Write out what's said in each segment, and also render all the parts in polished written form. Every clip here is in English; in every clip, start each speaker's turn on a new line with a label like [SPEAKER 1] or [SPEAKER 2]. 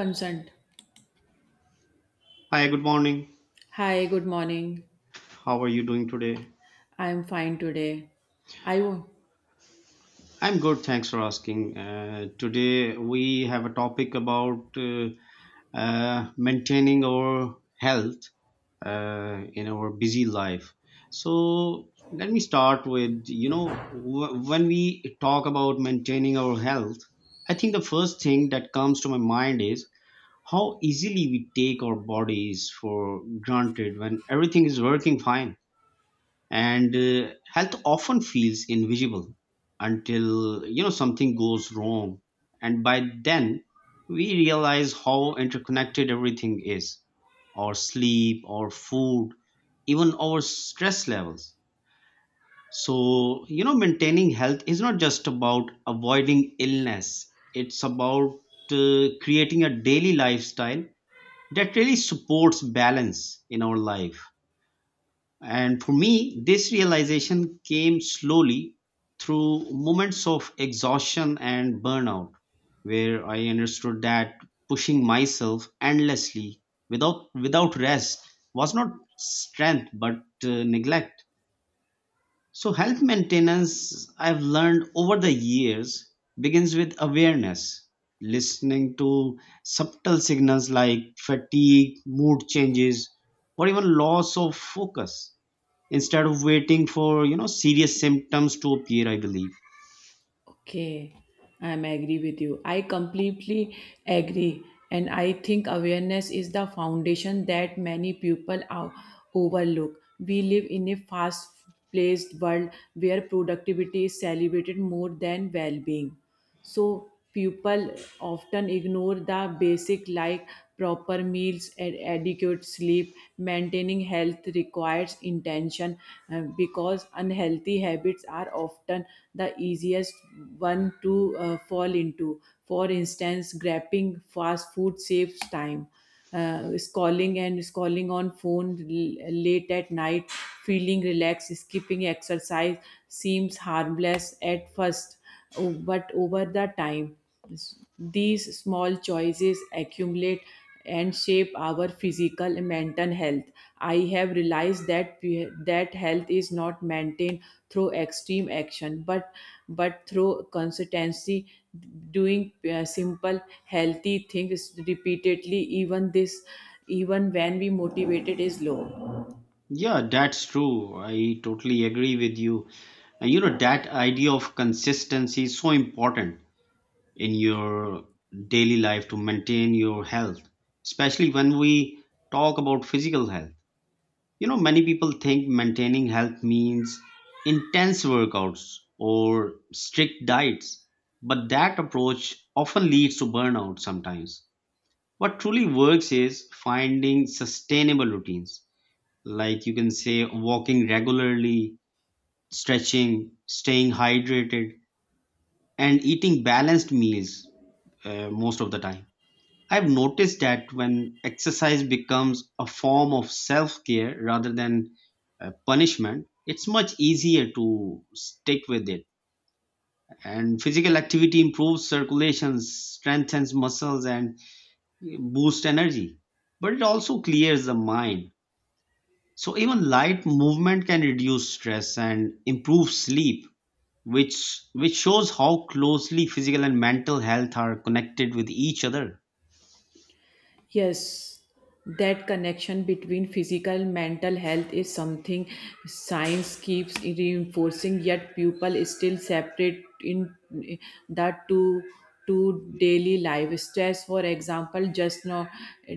[SPEAKER 1] Consent.
[SPEAKER 2] Hi, good morning.
[SPEAKER 1] Hi, good morning.
[SPEAKER 2] How are you doing today?
[SPEAKER 1] I'm fine today. I wo-
[SPEAKER 2] I'm good, thanks for asking. Today we have a topic about maintaining our health in our busy life. So let me start with when we talk about maintaining our health, I think the first thing that comes to my mind is how easily we take our bodies for granted when everything is working fine, and health often feels invisible until something goes wrong, and by then we realize how interconnected everything is: our sleep, our food, even our stress levels. So maintaining health is not just about avoiding illness, it's about creating a daily lifestyle that really supports balance in our life. And for me, this realization came slowly through moments of exhaustion and burnout, where I understood that pushing myself endlessly without rest was not strength but neglect. So, health maintenance, I've learned over the years, begins with awareness, listening to subtle signals like fatigue, mood changes, or even loss of focus instead of waiting for serious symptoms to appear. I believe
[SPEAKER 1] okay. I'm agree with you. I completely agree, and I think awareness is the foundation that many people are overlook. We live in a fast-paced world where productivity is celebrated more than well-being. So people often ignore the basic like proper meals and adequate sleep. Maintaining health requires intention, because unhealthy habits are often the easiest one to fall into. For instance, grabbing fast food saves time, uh, scrolling and scrolling on phone late at night feeling relaxed, skipping exercise seems harmless at first, but over the time these small choices accumulate and shape our physical and mental health. I have realized that that health is not maintained through extreme action, but through consistency, doing simple healthy things repeatedly. Even this, even when we motivated is low.
[SPEAKER 2] yeah, that's true, I totally agree with you. And you know, that idea of consistency is so important in your daily life to maintain your health, especially when we talk about physical health. You know, many people think maintaining health means intense workouts or strict diets, but that approach often leads to burnout sometimes. What truly works is finding sustainable routines. Like you can say, walking regularly, stretching, staying hydrated, and eating balanced meals most of the time. I've noticed that when exercise becomes a form of self care rather than punishment, it's much easier to stick with it. And physical activity improves circulation, strengthens muscles, and boosts energy. But it also clears the mind. So even light movement can reduce stress and improve sleep, which shows how closely physical and mental health are connected with each other.
[SPEAKER 1] Yes, that connection between physical mental health is something science keeps reinforcing, yet people still separate in that. To daily life stress for example just not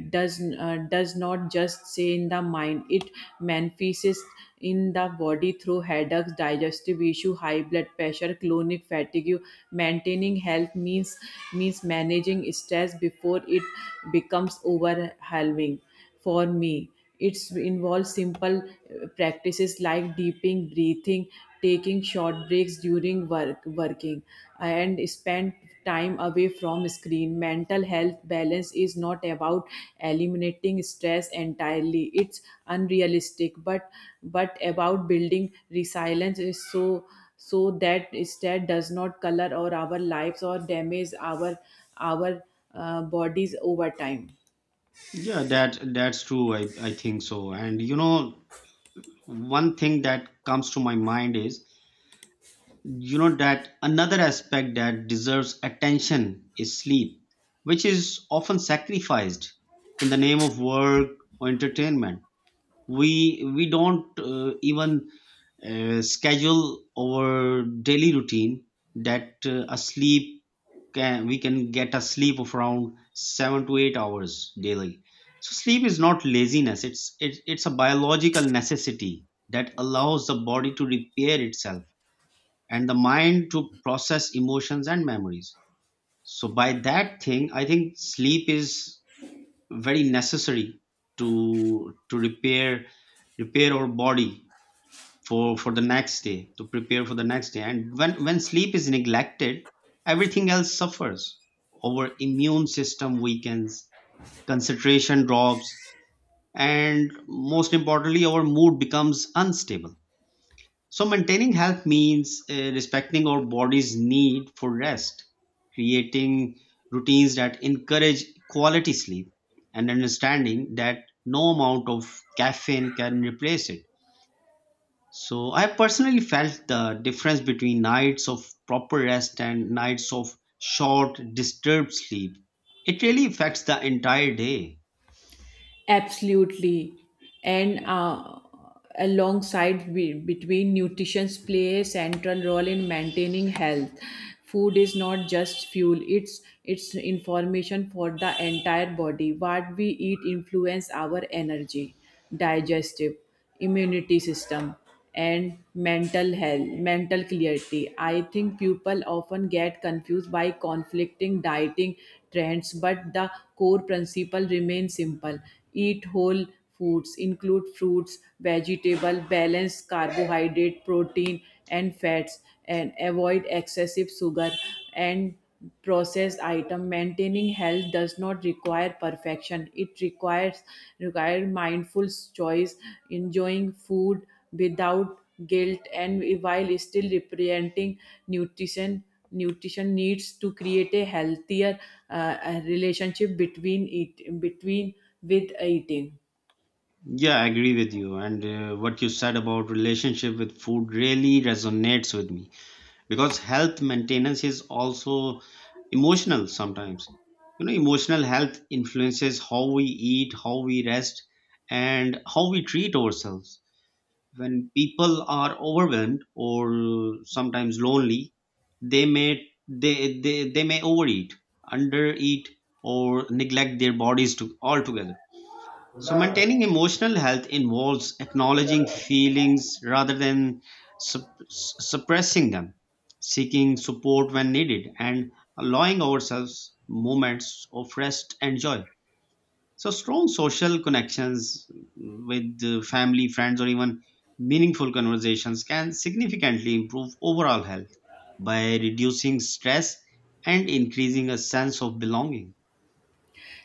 [SPEAKER 1] does does not just say in the mind, it manifests in the body through headaches, digestive issue, high blood pressure, chronic fatigue. Maintaining health means managing stress before it becomes overwhelming. For me, it involves simple practices like deeping breathing, taking short breaks during work working, and spend time away from screen. Mental health balance is not about eliminating stress entirely, it's unrealistic, but about building resilience, is so so that stress does not color or our lives or damage our bodies over time.
[SPEAKER 2] Yeah, that's true. I think so. And you know, one thing that comes to my mind is, you know, that another aspect that deserves attention is sleep, which is often sacrificed in the name of work or entertainment. We don't even schedule our daily routine that a sleep can, we can get a sleep of around 7 to 8 hours daily. So sleep is not laziness, it's a biological necessity that allows the body to repair itself and the mind to process emotions and memories. So by that thing, I think sleep is very necessary to repair our body for the next day, to prepare for the next day. And when sleep is neglected, everything else suffers: our immune system weakens, concentration drops, and most importantly, our mood becomes unstable. So maintaining health means respecting our body's need for rest, creating routines that encourage quality sleep, and understanding that no amount of caffeine can replace it. So I personally felt the difference between nights of proper rest and nights of short, disturbed sleep. It really affects the entire day.
[SPEAKER 1] Absolutely. And alongside between nutrition play a central role in maintaining health. Food is not just fuel, it's information for the entire body. What we eat influence our energy, digestive, immunity system, and mental health mental clarity. I think people often get confused by conflicting dieting trends, but the core principle remains simple: eat whole foods, include fruits, vegetable, balance carbohydrate, protein, and fats, and avoid excessive sugar and processed item. Maintaining health does not require perfection, it requires require mindful choice, enjoying food without guilt and while still representing nutrition nutrition needs to create a healthier relationship between eat between with eating.
[SPEAKER 2] Yeah, I agree with you. And what you said about relationship with food really resonates with me because health maintenance is also emotional sometimes. You know, emotional health influences how we eat, how we rest, and how we treat ourselves. When people are overwhelmed or sometimes lonely, they may overeat, undereat, or neglect their bodies to altogether. So maintaining emotional health involves acknowledging feelings rather than suppressing them, seeking support when needed, and allowing ourselves moments of rest and joy. So strong social connections with family, friends, or even meaningful conversations can significantly improve overall health by reducing stress and increasing a sense of belonging.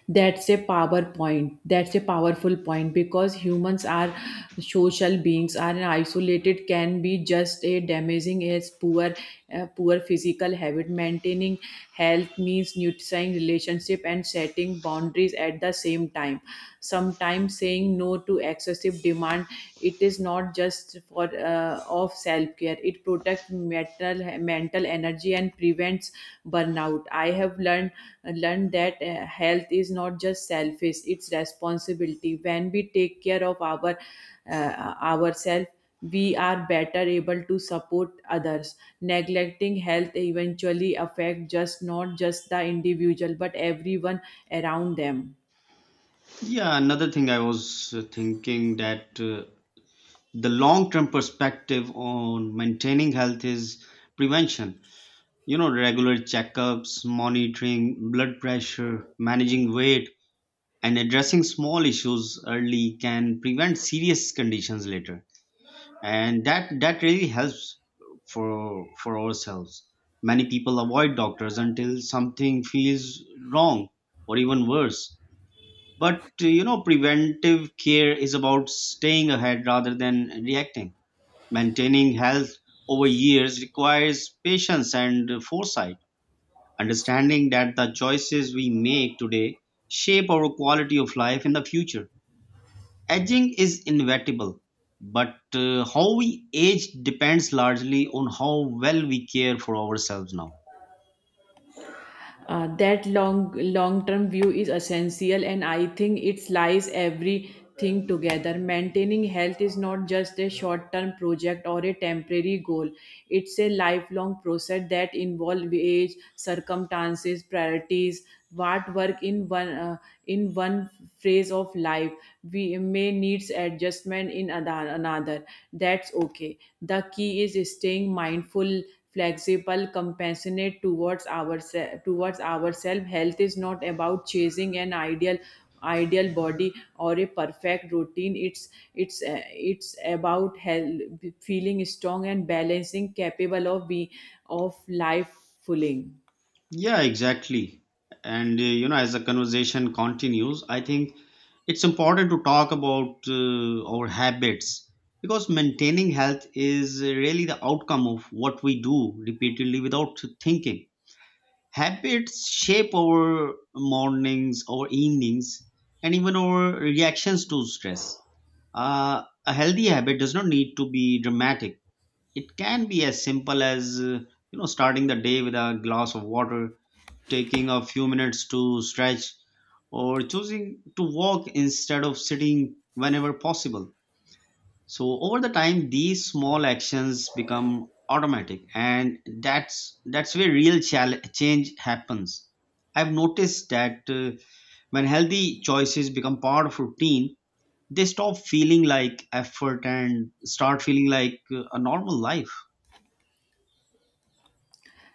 [SPEAKER 1] That's a power point, that's a powerful point because humans are social beings. Are isolated can be just a damaging as poor poor physical habit. Maintaining health means nurturing relationship and setting boundaries at the same time. Sometimes saying no to excessive demand, it is not just for of self care, it protects mental mental energy and prevents burnout. I have learned that health is not just selfish, it's responsibility. When we take care of our ourselves, we are better able to support others. Neglecting health eventually affect just not just the individual, but everyone around them.
[SPEAKER 2] Yeah, another thing I was thinking that, the long term perspective on maintaining health is prevention. You know, regular checkups, monitoring blood pressure, managing weight, and addressing small issues early can prevent serious conditions later, and that really helps for ourselves. Many people avoid doctors until something feels wrong, or even worse. But you know, preventive care is about staying ahead rather than reacting. Maintaining health over years requires patience and foresight, understanding that the choices we make today shape our quality of life in the future. Aging is inevitable, but how we age depends largely on how well we care for ourselves now.
[SPEAKER 1] That long long term view is essential, and I think it lies everything together. Maintaining health is not just a short term project or a temporary goal, it's a lifelong process that involves age, circumstances, priorities. What work in one phase of life, we may needs adjustment in another. That's okay. The key is staying mindful, flexible, compassionate towards ourselves. Towards ourselves, health is not about chasing an ideal body or a perfect routine. It's about health, feeling strong and balancing capable of be of life fulfilling.
[SPEAKER 2] Yeah, exactly. And you know, as the conversation continues, I think it's important to talk about our habits, because maintaining health is really the outcome of what we do repeatedly without thinking. Habits shape our mornings, our evenings, and even our reactions to stress. A healthy habit does not need to be dramatic. It can be as simple as you know, starting the day with a glass of water, taking a few minutes to stretch, or choosing to walk instead of sitting whenever possible. So over the time these small actions become automatic, and that's where real change happens. I've noticed that when healthy choices become part of routine, they stop feeling like effort and start feeling like a normal life.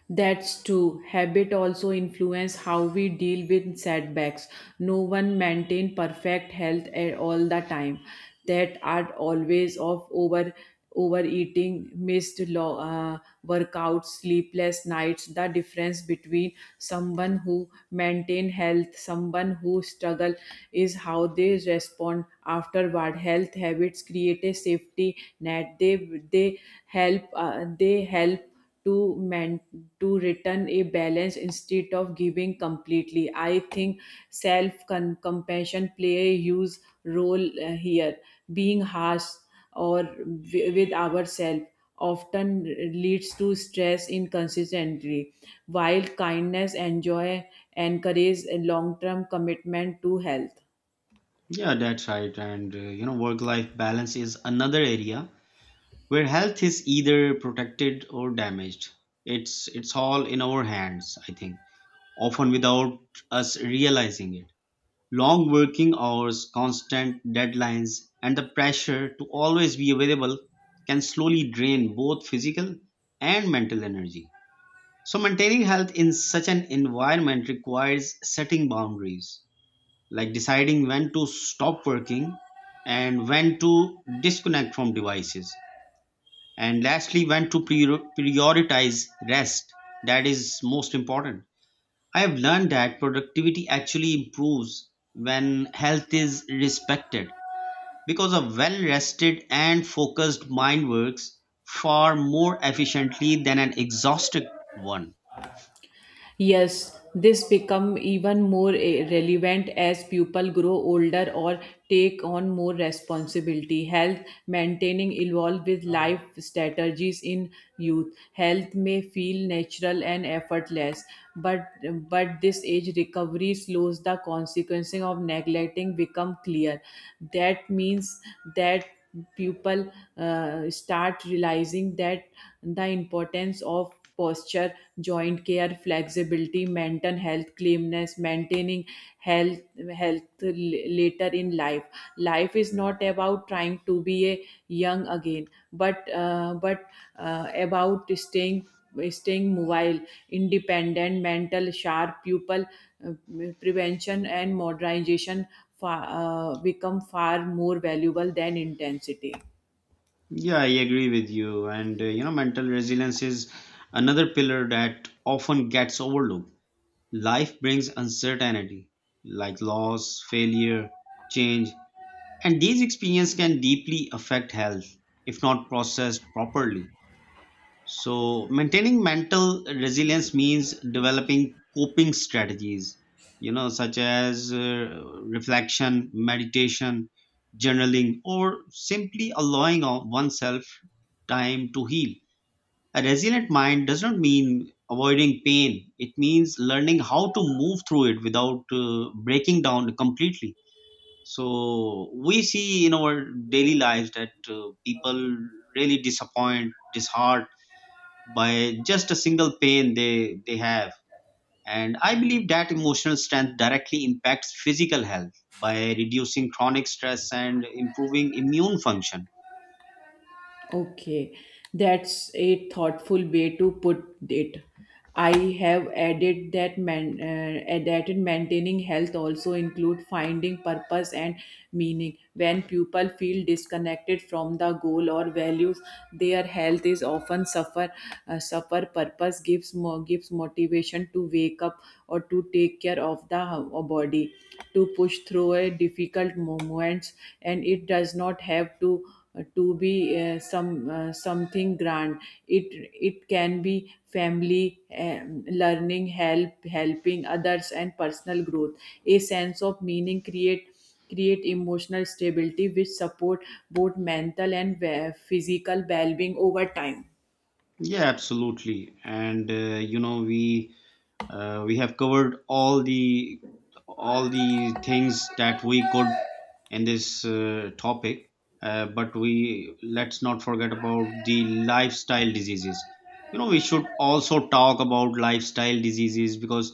[SPEAKER 1] That's true. Habit also influence how we deal with setbacks. No one maintain perfect health at all the time. That are always of over overeating, missed workouts, sleepless nights. The difference between someone who maintain health, someone who struggle, is how they respond afterward. Health habits create a safety net. They help they help to man to return a balance instead of giving completely. I think self compassion play a huge role here. Being harsh or with ourselves often leads to stress inconsistently, while kindness enjoy joy encourage a long-term commitment to health.
[SPEAKER 2] Yeah, that's right. And you know, work life balance is another area where health is either protected or damaged. It's all in our hands, I think, often without us realizing it. Long working hours, constant deadlines, and the pressure to always be available can slowly drain both physical and mental energy. So, maintaining health in such an environment requires setting boundaries, like deciding when to stop working and when to disconnect from devices. And lastly, when to prioritize rest. That is most important. I have learned that productivity actually improves when health is respected, because a well rested and focused mind works far more efficiently than an exhausted one.
[SPEAKER 1] Yes, this become even more relevant as people grow older or take on more responsibility. Health maintaining evolve with life strategies in youth. Health may feel natural and effortless, but but this age recovery slows the consequences of neglecting become clear. That means that people start realizing that the importance of posture, joint care, flexibility, mental health, calmness, maintaining health health later in life. Life is not about trying to be a young again, but about staying mobile, independent, mental sharp, pupil, uh, prevention and modernization far, become far more valuable than intensity.
[SPEAKER 2] Yeah, I agree with you. And you know, mental resilience is another pillar that often gets overlooked. Life brings uncertainty, like loss, failure, change, and these experiences can deeply affect health if not processed properly. So, maintaining mental resilience means developing coping strategies, you know, such as reflection, meditation, journaling, or simply allowing oneself time to heal. A resilient mind does not mean avoiding pain, it means learning how to move through it without breaking down completely. So, we see in our daily lives that people really disappoint, disheart by just a single pain they have. And I believe that emotional strength directly impacts physical health by reducing chronic stress and improving immune function.
[SPEAKER 1] Okay, that's a thoughtful way to put it. I have added that added maintaining health also include finding purpose and meaning. When people feel disconnected from the goal or values, their health is often suffer. Suffer purpose gives more gives motivation to wake up or to take care of the body, to push through a difficult moments, and it does not have to be some something grand. It it can be family, learning help helping others and personal growth. A sense of meaning create emotional stability which support both mental and physical well-being over time.
[SPEAKER 2] Yeah, absolutely. And you know we we have covered all the things that we could in this topic. But we, let's not forget about the lifestyle diseases. You know, we should also talk about lifestyle diseases because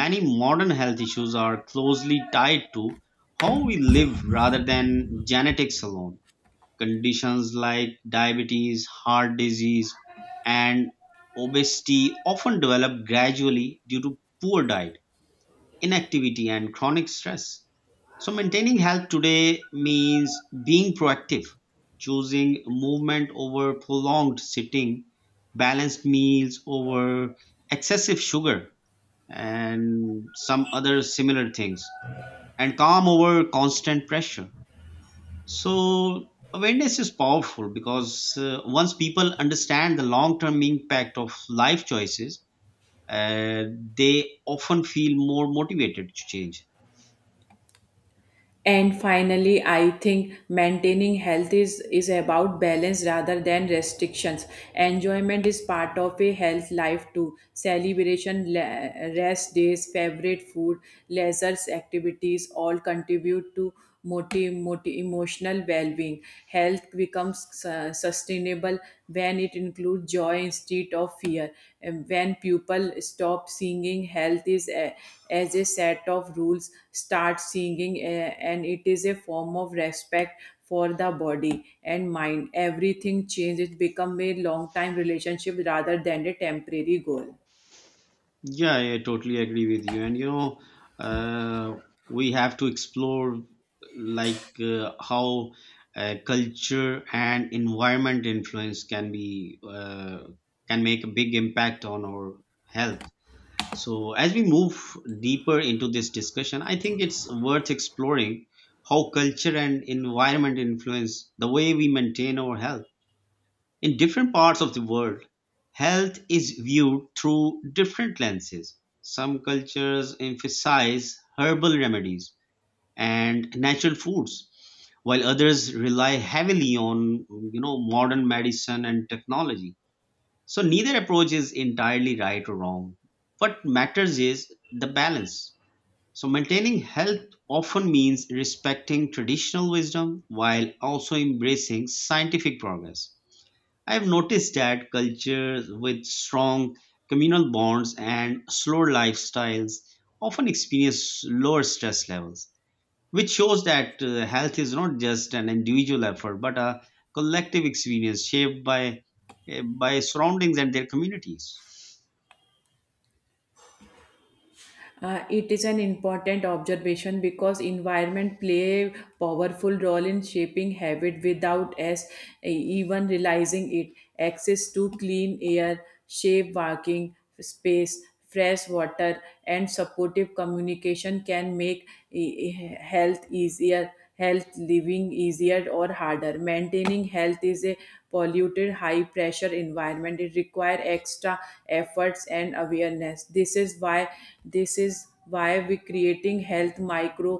[SPEAKER 2] many modern health issues are closely tied to how we live rather than genetics alone. Conditions like diabetes, heart disease, and obesity often develop gradually due to poor diet, inactivity, and chronic stress. So, maintaining health today means being proactive, choosing movement over prolonged sitting, balanced meals over excessive sugar, and some other similar things, and calm over constant pressure. So awareness is powerful because once people understand the long-term impact of life choices, uh, they often feel more motivated to change.
[SPEAKER 1] And finally, I think maintaining health is about balance rather than restrictions. Enjoyment is part of a health life too. Celebration, rest days, favorite food, leisure activities all contribute to emotional well being. Health becomes sustainable when it includes joy instead of fear. And when people stop seeing health as a set of rules, start seeing and it is a form of respect for the body and mind. Everything changes, become a long time relationship rather than a temporary goal.
[SPEAKER 2] Yeah, I totally agree with you. And you know, uh, we have to explore, like, how culture and environment influence can be, can make a big impact on our health. So, as we move deeper into this discussion, I think it's worth exploring how culture and environment influence the way we maintain our health. In different parts of the world, health is viewed through different lenses. Some cultures emphasize herbal remedies and natural foods, while others rely heavily on modern medicine and technology. So neither approach is entirely right or wrong. What matters is the balance. So maintaining health often means respecting traditional wisdom while also embracing scientific progress. I have noticed that cultures with strong communal bonds and slower lifestyles often experience lower stress levels, which shows that health is not just an individual effort but a collective experience shaped by surroundings and their communities.
[SPEAKER 1] It is an important observation because environment play a powerful role in shaping habit without us even realizing it. Access to clean air, safe walking space, fresh water, and supportive communication can make health easier, health living easier or harder. Maintaining health is a polluted high pressure environment. It requires extra efforts and awareness. This is why we creating health micro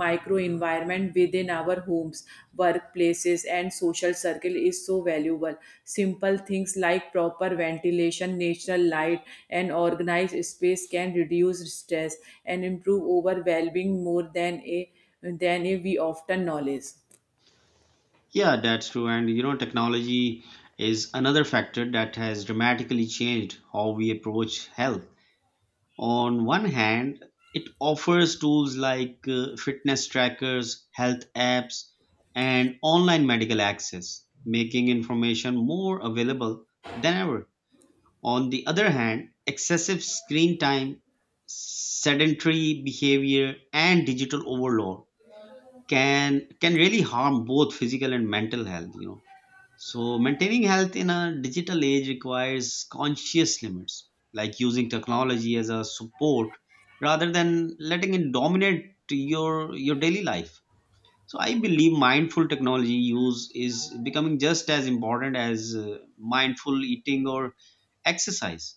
[SPEAKER 1] micro environment within our homes, workplaces, and social circle is so valuable. Simple things like proper ventilation, natural light, and organized space can reduce stress and improve over well-being more than a than we often knowledge.
[SPEAKER 2] Yeah, that's true. And you know, technology is another factor that has dramatically changed how we approach health. On one hand, it offers tools like fitness trackers, health apps, and online medical access, making information more available than ever. On the other hand, excessive screen time, sedentary behavior, and digital overload can really harm both physical and mental health, you know. So maintaining health in a digital age requires conscious limits, like using technology as a support rather than letting it dominate your daily life. So I believe mindful technology use is becoming just as important as mindful eating or exercise.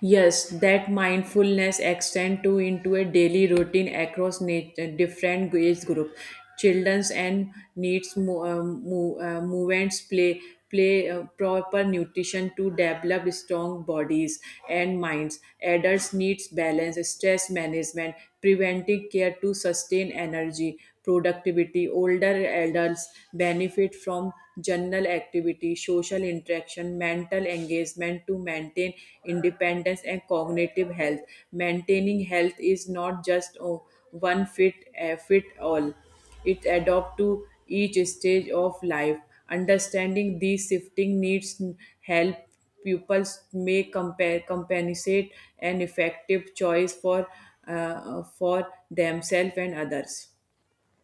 [SPEAKER 1] Yes, that mindfulness extend to into a daily routine across different age group. Children's and needs movements play proper nutrition to develop strong bodies and minds. Adults needs balance, stress management, preventive care to sustain energy, productivity. Older adults benefit from general activity, social interaction, mental engagement to maintain independence and cognitive health. Maintaining health is not just oh, one fit fit all. It adapt to each stage of life. Understanding these shifting needs help pupils make compare compensate an effective choice for themselves and others.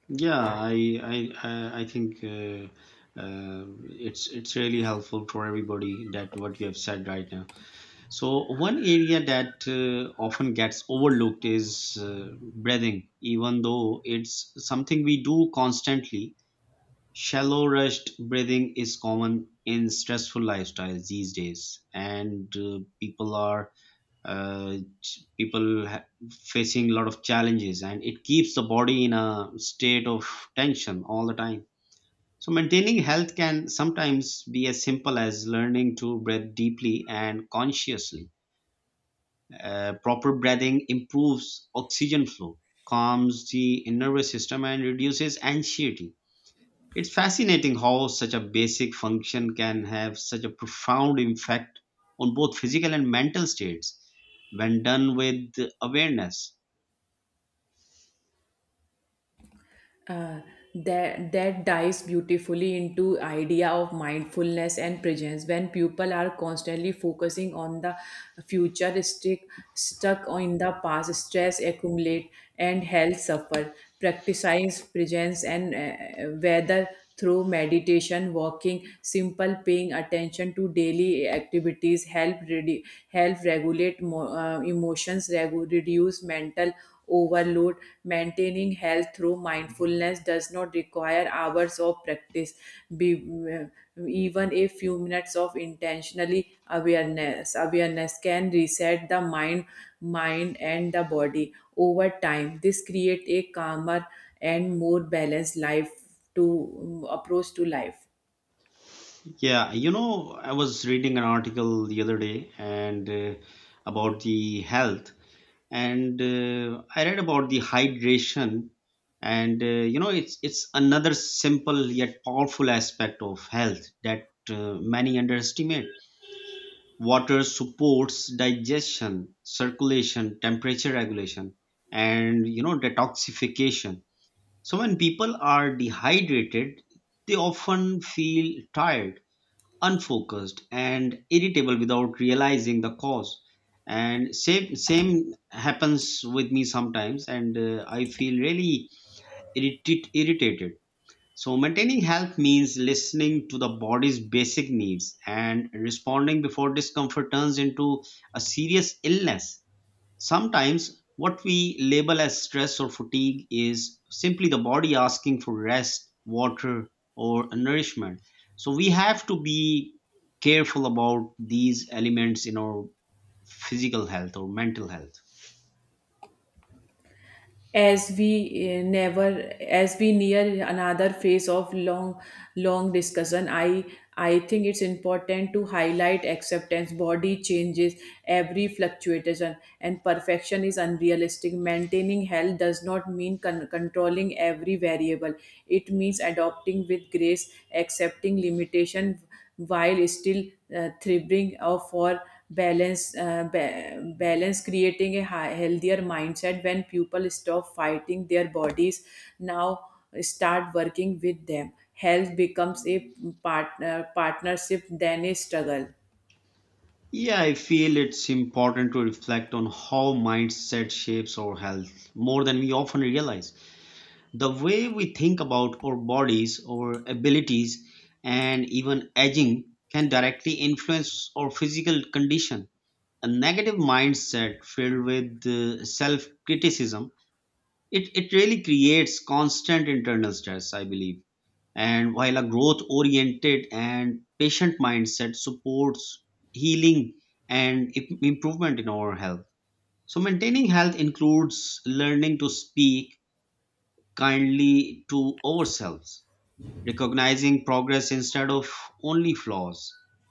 [SPEAKER 2] Yeah, I think uh, it's really helpful for everybody that what you have said right now. So one area that often gets overlooked is breathing, even though it's something we do constantly. Shallow, rushed breathing is common in stressful lifestyles these days, and people are uh, ch- people ha- facing a lot of challenges, and it keeps the body in a state of tension all the time. So maintaining health can sometimes be as simple as learning to breathe deeply and consciously. Proper breathing improves oxygen flow, calms the nervous system, and reduces anxiety. It's fascinating how such a basic function can have such a profound impact on both physical and mental states when done with awareness.
[SPEAKER 1] uh, that that dives beautifully into idea of mindfulness and presence. When people are constantly focusing on the future stick stuck in the past, stress accumulate and health suffer. Practicing presence and whether through meditation, walking, simple paying attention to daily activities help help regulate emotions, reduce mental overload. Maintaining health through mindfulness does not require hours of practice. Even a few minutes of intentionally awareness can reset the mind and the body. Over time this create a calmer and more balanced life to approach to life.
[SPEAKER 2] Yeah, you know, I was reading an article the other day, and about the health, and I read about the hydration, and you know, it's another simple yet powerful aspect of health that many underestimate. Water supports digestion, circulation, temperature regulation, and you know detoxification. So when people are dehydrated, they often feel tired, unfocused, and irritable without realizing the cause. And same happens with me sometimes, and I feel really irritated. So, maintaining health means listening to the body's basic needs and responding before discomfort turns into a serious illness. Sometimes, what we label as stress or fatigue is simply the body asking for rest, water, or nourishment. So, we have to be careful about these elements in our physical health or mental health.
[SPEAKER 1] As we never as we near another phase of long discussion, I think it's important to highlight acceptance body changes. Every fluctuation and perfection is unrealistic. Maintaining health does not mean controlling every variable. It means adopting with grace, accepting limitation while still thriving for balance balance, creating a healthier mindset. When people stop fighting their bodies now, start working with them, health becomes a partner partnership than a struggle.
[SPEAKER 2] Yeah, I feel it's important to reflect on how mindset shapes our health more than we often realize. The way we think about our bodies, our abilities, and even aging can directly influence our physical condition. A negative mindset filled with self criticism, it really creates constant internal stress, I believe, and while a growth oriented and patient mindset supports healing and improvement in our health. So maintaining health includes learning to speak kindly to ourselves, recognizing progress instead of only flaws,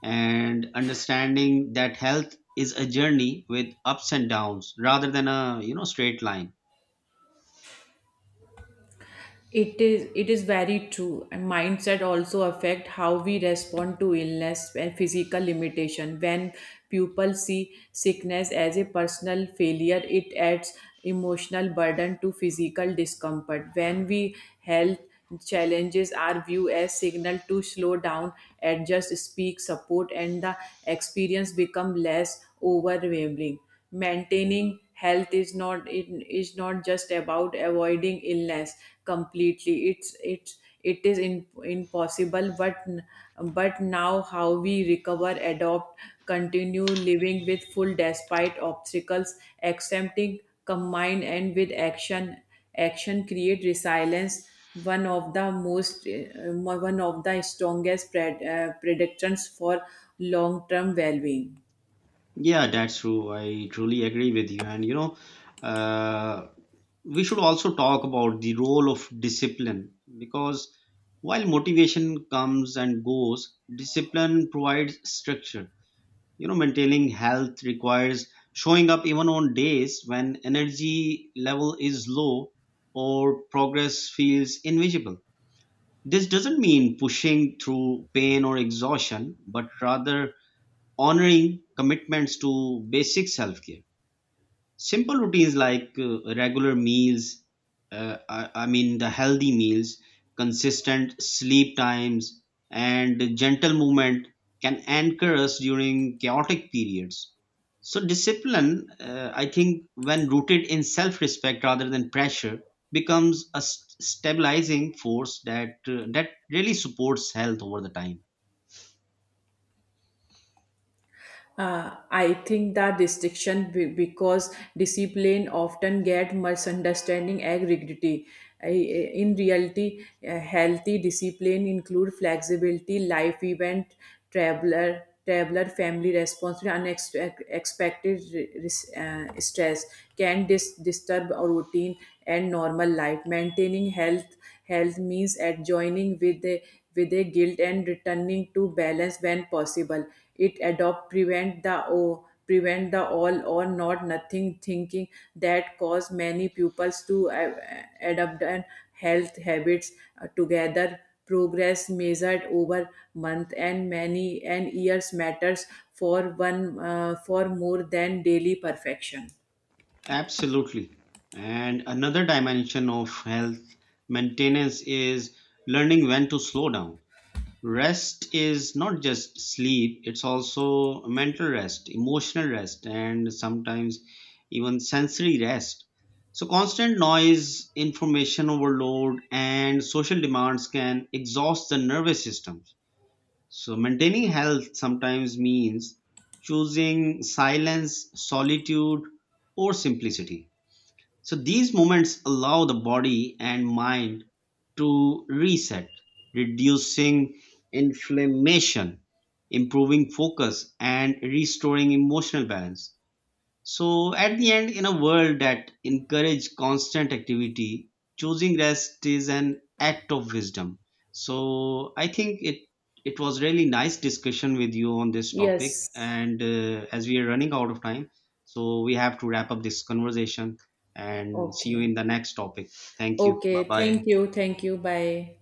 [SPEAKER 2] and understanding that health is a journey with ups and downs rather than a you know straight line.
[SPEAKER 1] It is very true. And mindset also affect how we respond to illness and physical limitation. When people see sickness as a personal failure, it adds emotional burden to physical discomfort. When we health challenges are viewed as signal to slow down, adjust, speak, support, and the experience become less overwhelming. Maintaining health is not it is not just about avoiding illness completely, it's it is in, impossible, but now how we recover, adopt, continue living with full despite obstacles. Accepting combine and with action action create resilience, one of the most one of the strongest predictions for long term well being.
[SPEAKER 2] Yeah, that's true. I truly agree with you. And you know, uh, we should also talk about the role of discipline, because while motivation comes and goes, discipline provides structure. You know, maintaining health requires showing up even on days when energy level is low or progress feels invisible. This doesn't mean pushing through pain or exhaustion, but rather honoring commitments to basic self care. Simple routines like regular meals, I mean the healthy meals, consistent sleep times, and gentle movement can anchor us during chaotic periods. So discipline, I think, when rooted in self respect rather than pressure, becomes a stabilizing force that that really supports health over the time.
[SPEAKER 1] I think the distinction because discipline often get misunderstanding agree. In reality, healthy discipline include flexibility, life event, traveler, family responsibility, unexpected stress can disturb our routine and normal life. Maintaining health means adjoining with the with a guilt and returning to balance when possible. It adopt prevent the o prevent the all or not nothing thinking that cause many pupils to adopt and health habits together. Progress measured over month and many and years matters for one for more than daily perfection.
[SPEAKER 2] Absolutely. And another dimension of health maintenance is learning when to slow down. Rest is not just sleep, it's also mental rest, emotional rest, and sometimes even sensory rest. So, constant noise, information overload, and social demands can exhaust the nervous systems. So, maintaining health sometimes means choosing silence, solitude, or simplicity. So these moments allow the body and mind to reset, reducing inflammation, improving focus, and restoring emotional balance. So, at the end, in a world that encourages constant activity, choosing rest is an act of wisdom. So, I think it was really nice discussion with you on this topic.
[SPEAKER 1] Yes.
[SPEAKER 2] And as we are running out of time, so we have to wrap up this conversation and see you
[SPEAKER 1] Okay.
[SPEAKER 2] in the next topic. Thank you. Bye
[SPEAKER 1] Okay, thank
[SPEAKER 2] bye.
[SPEAKER 1] you, thank you. Bye.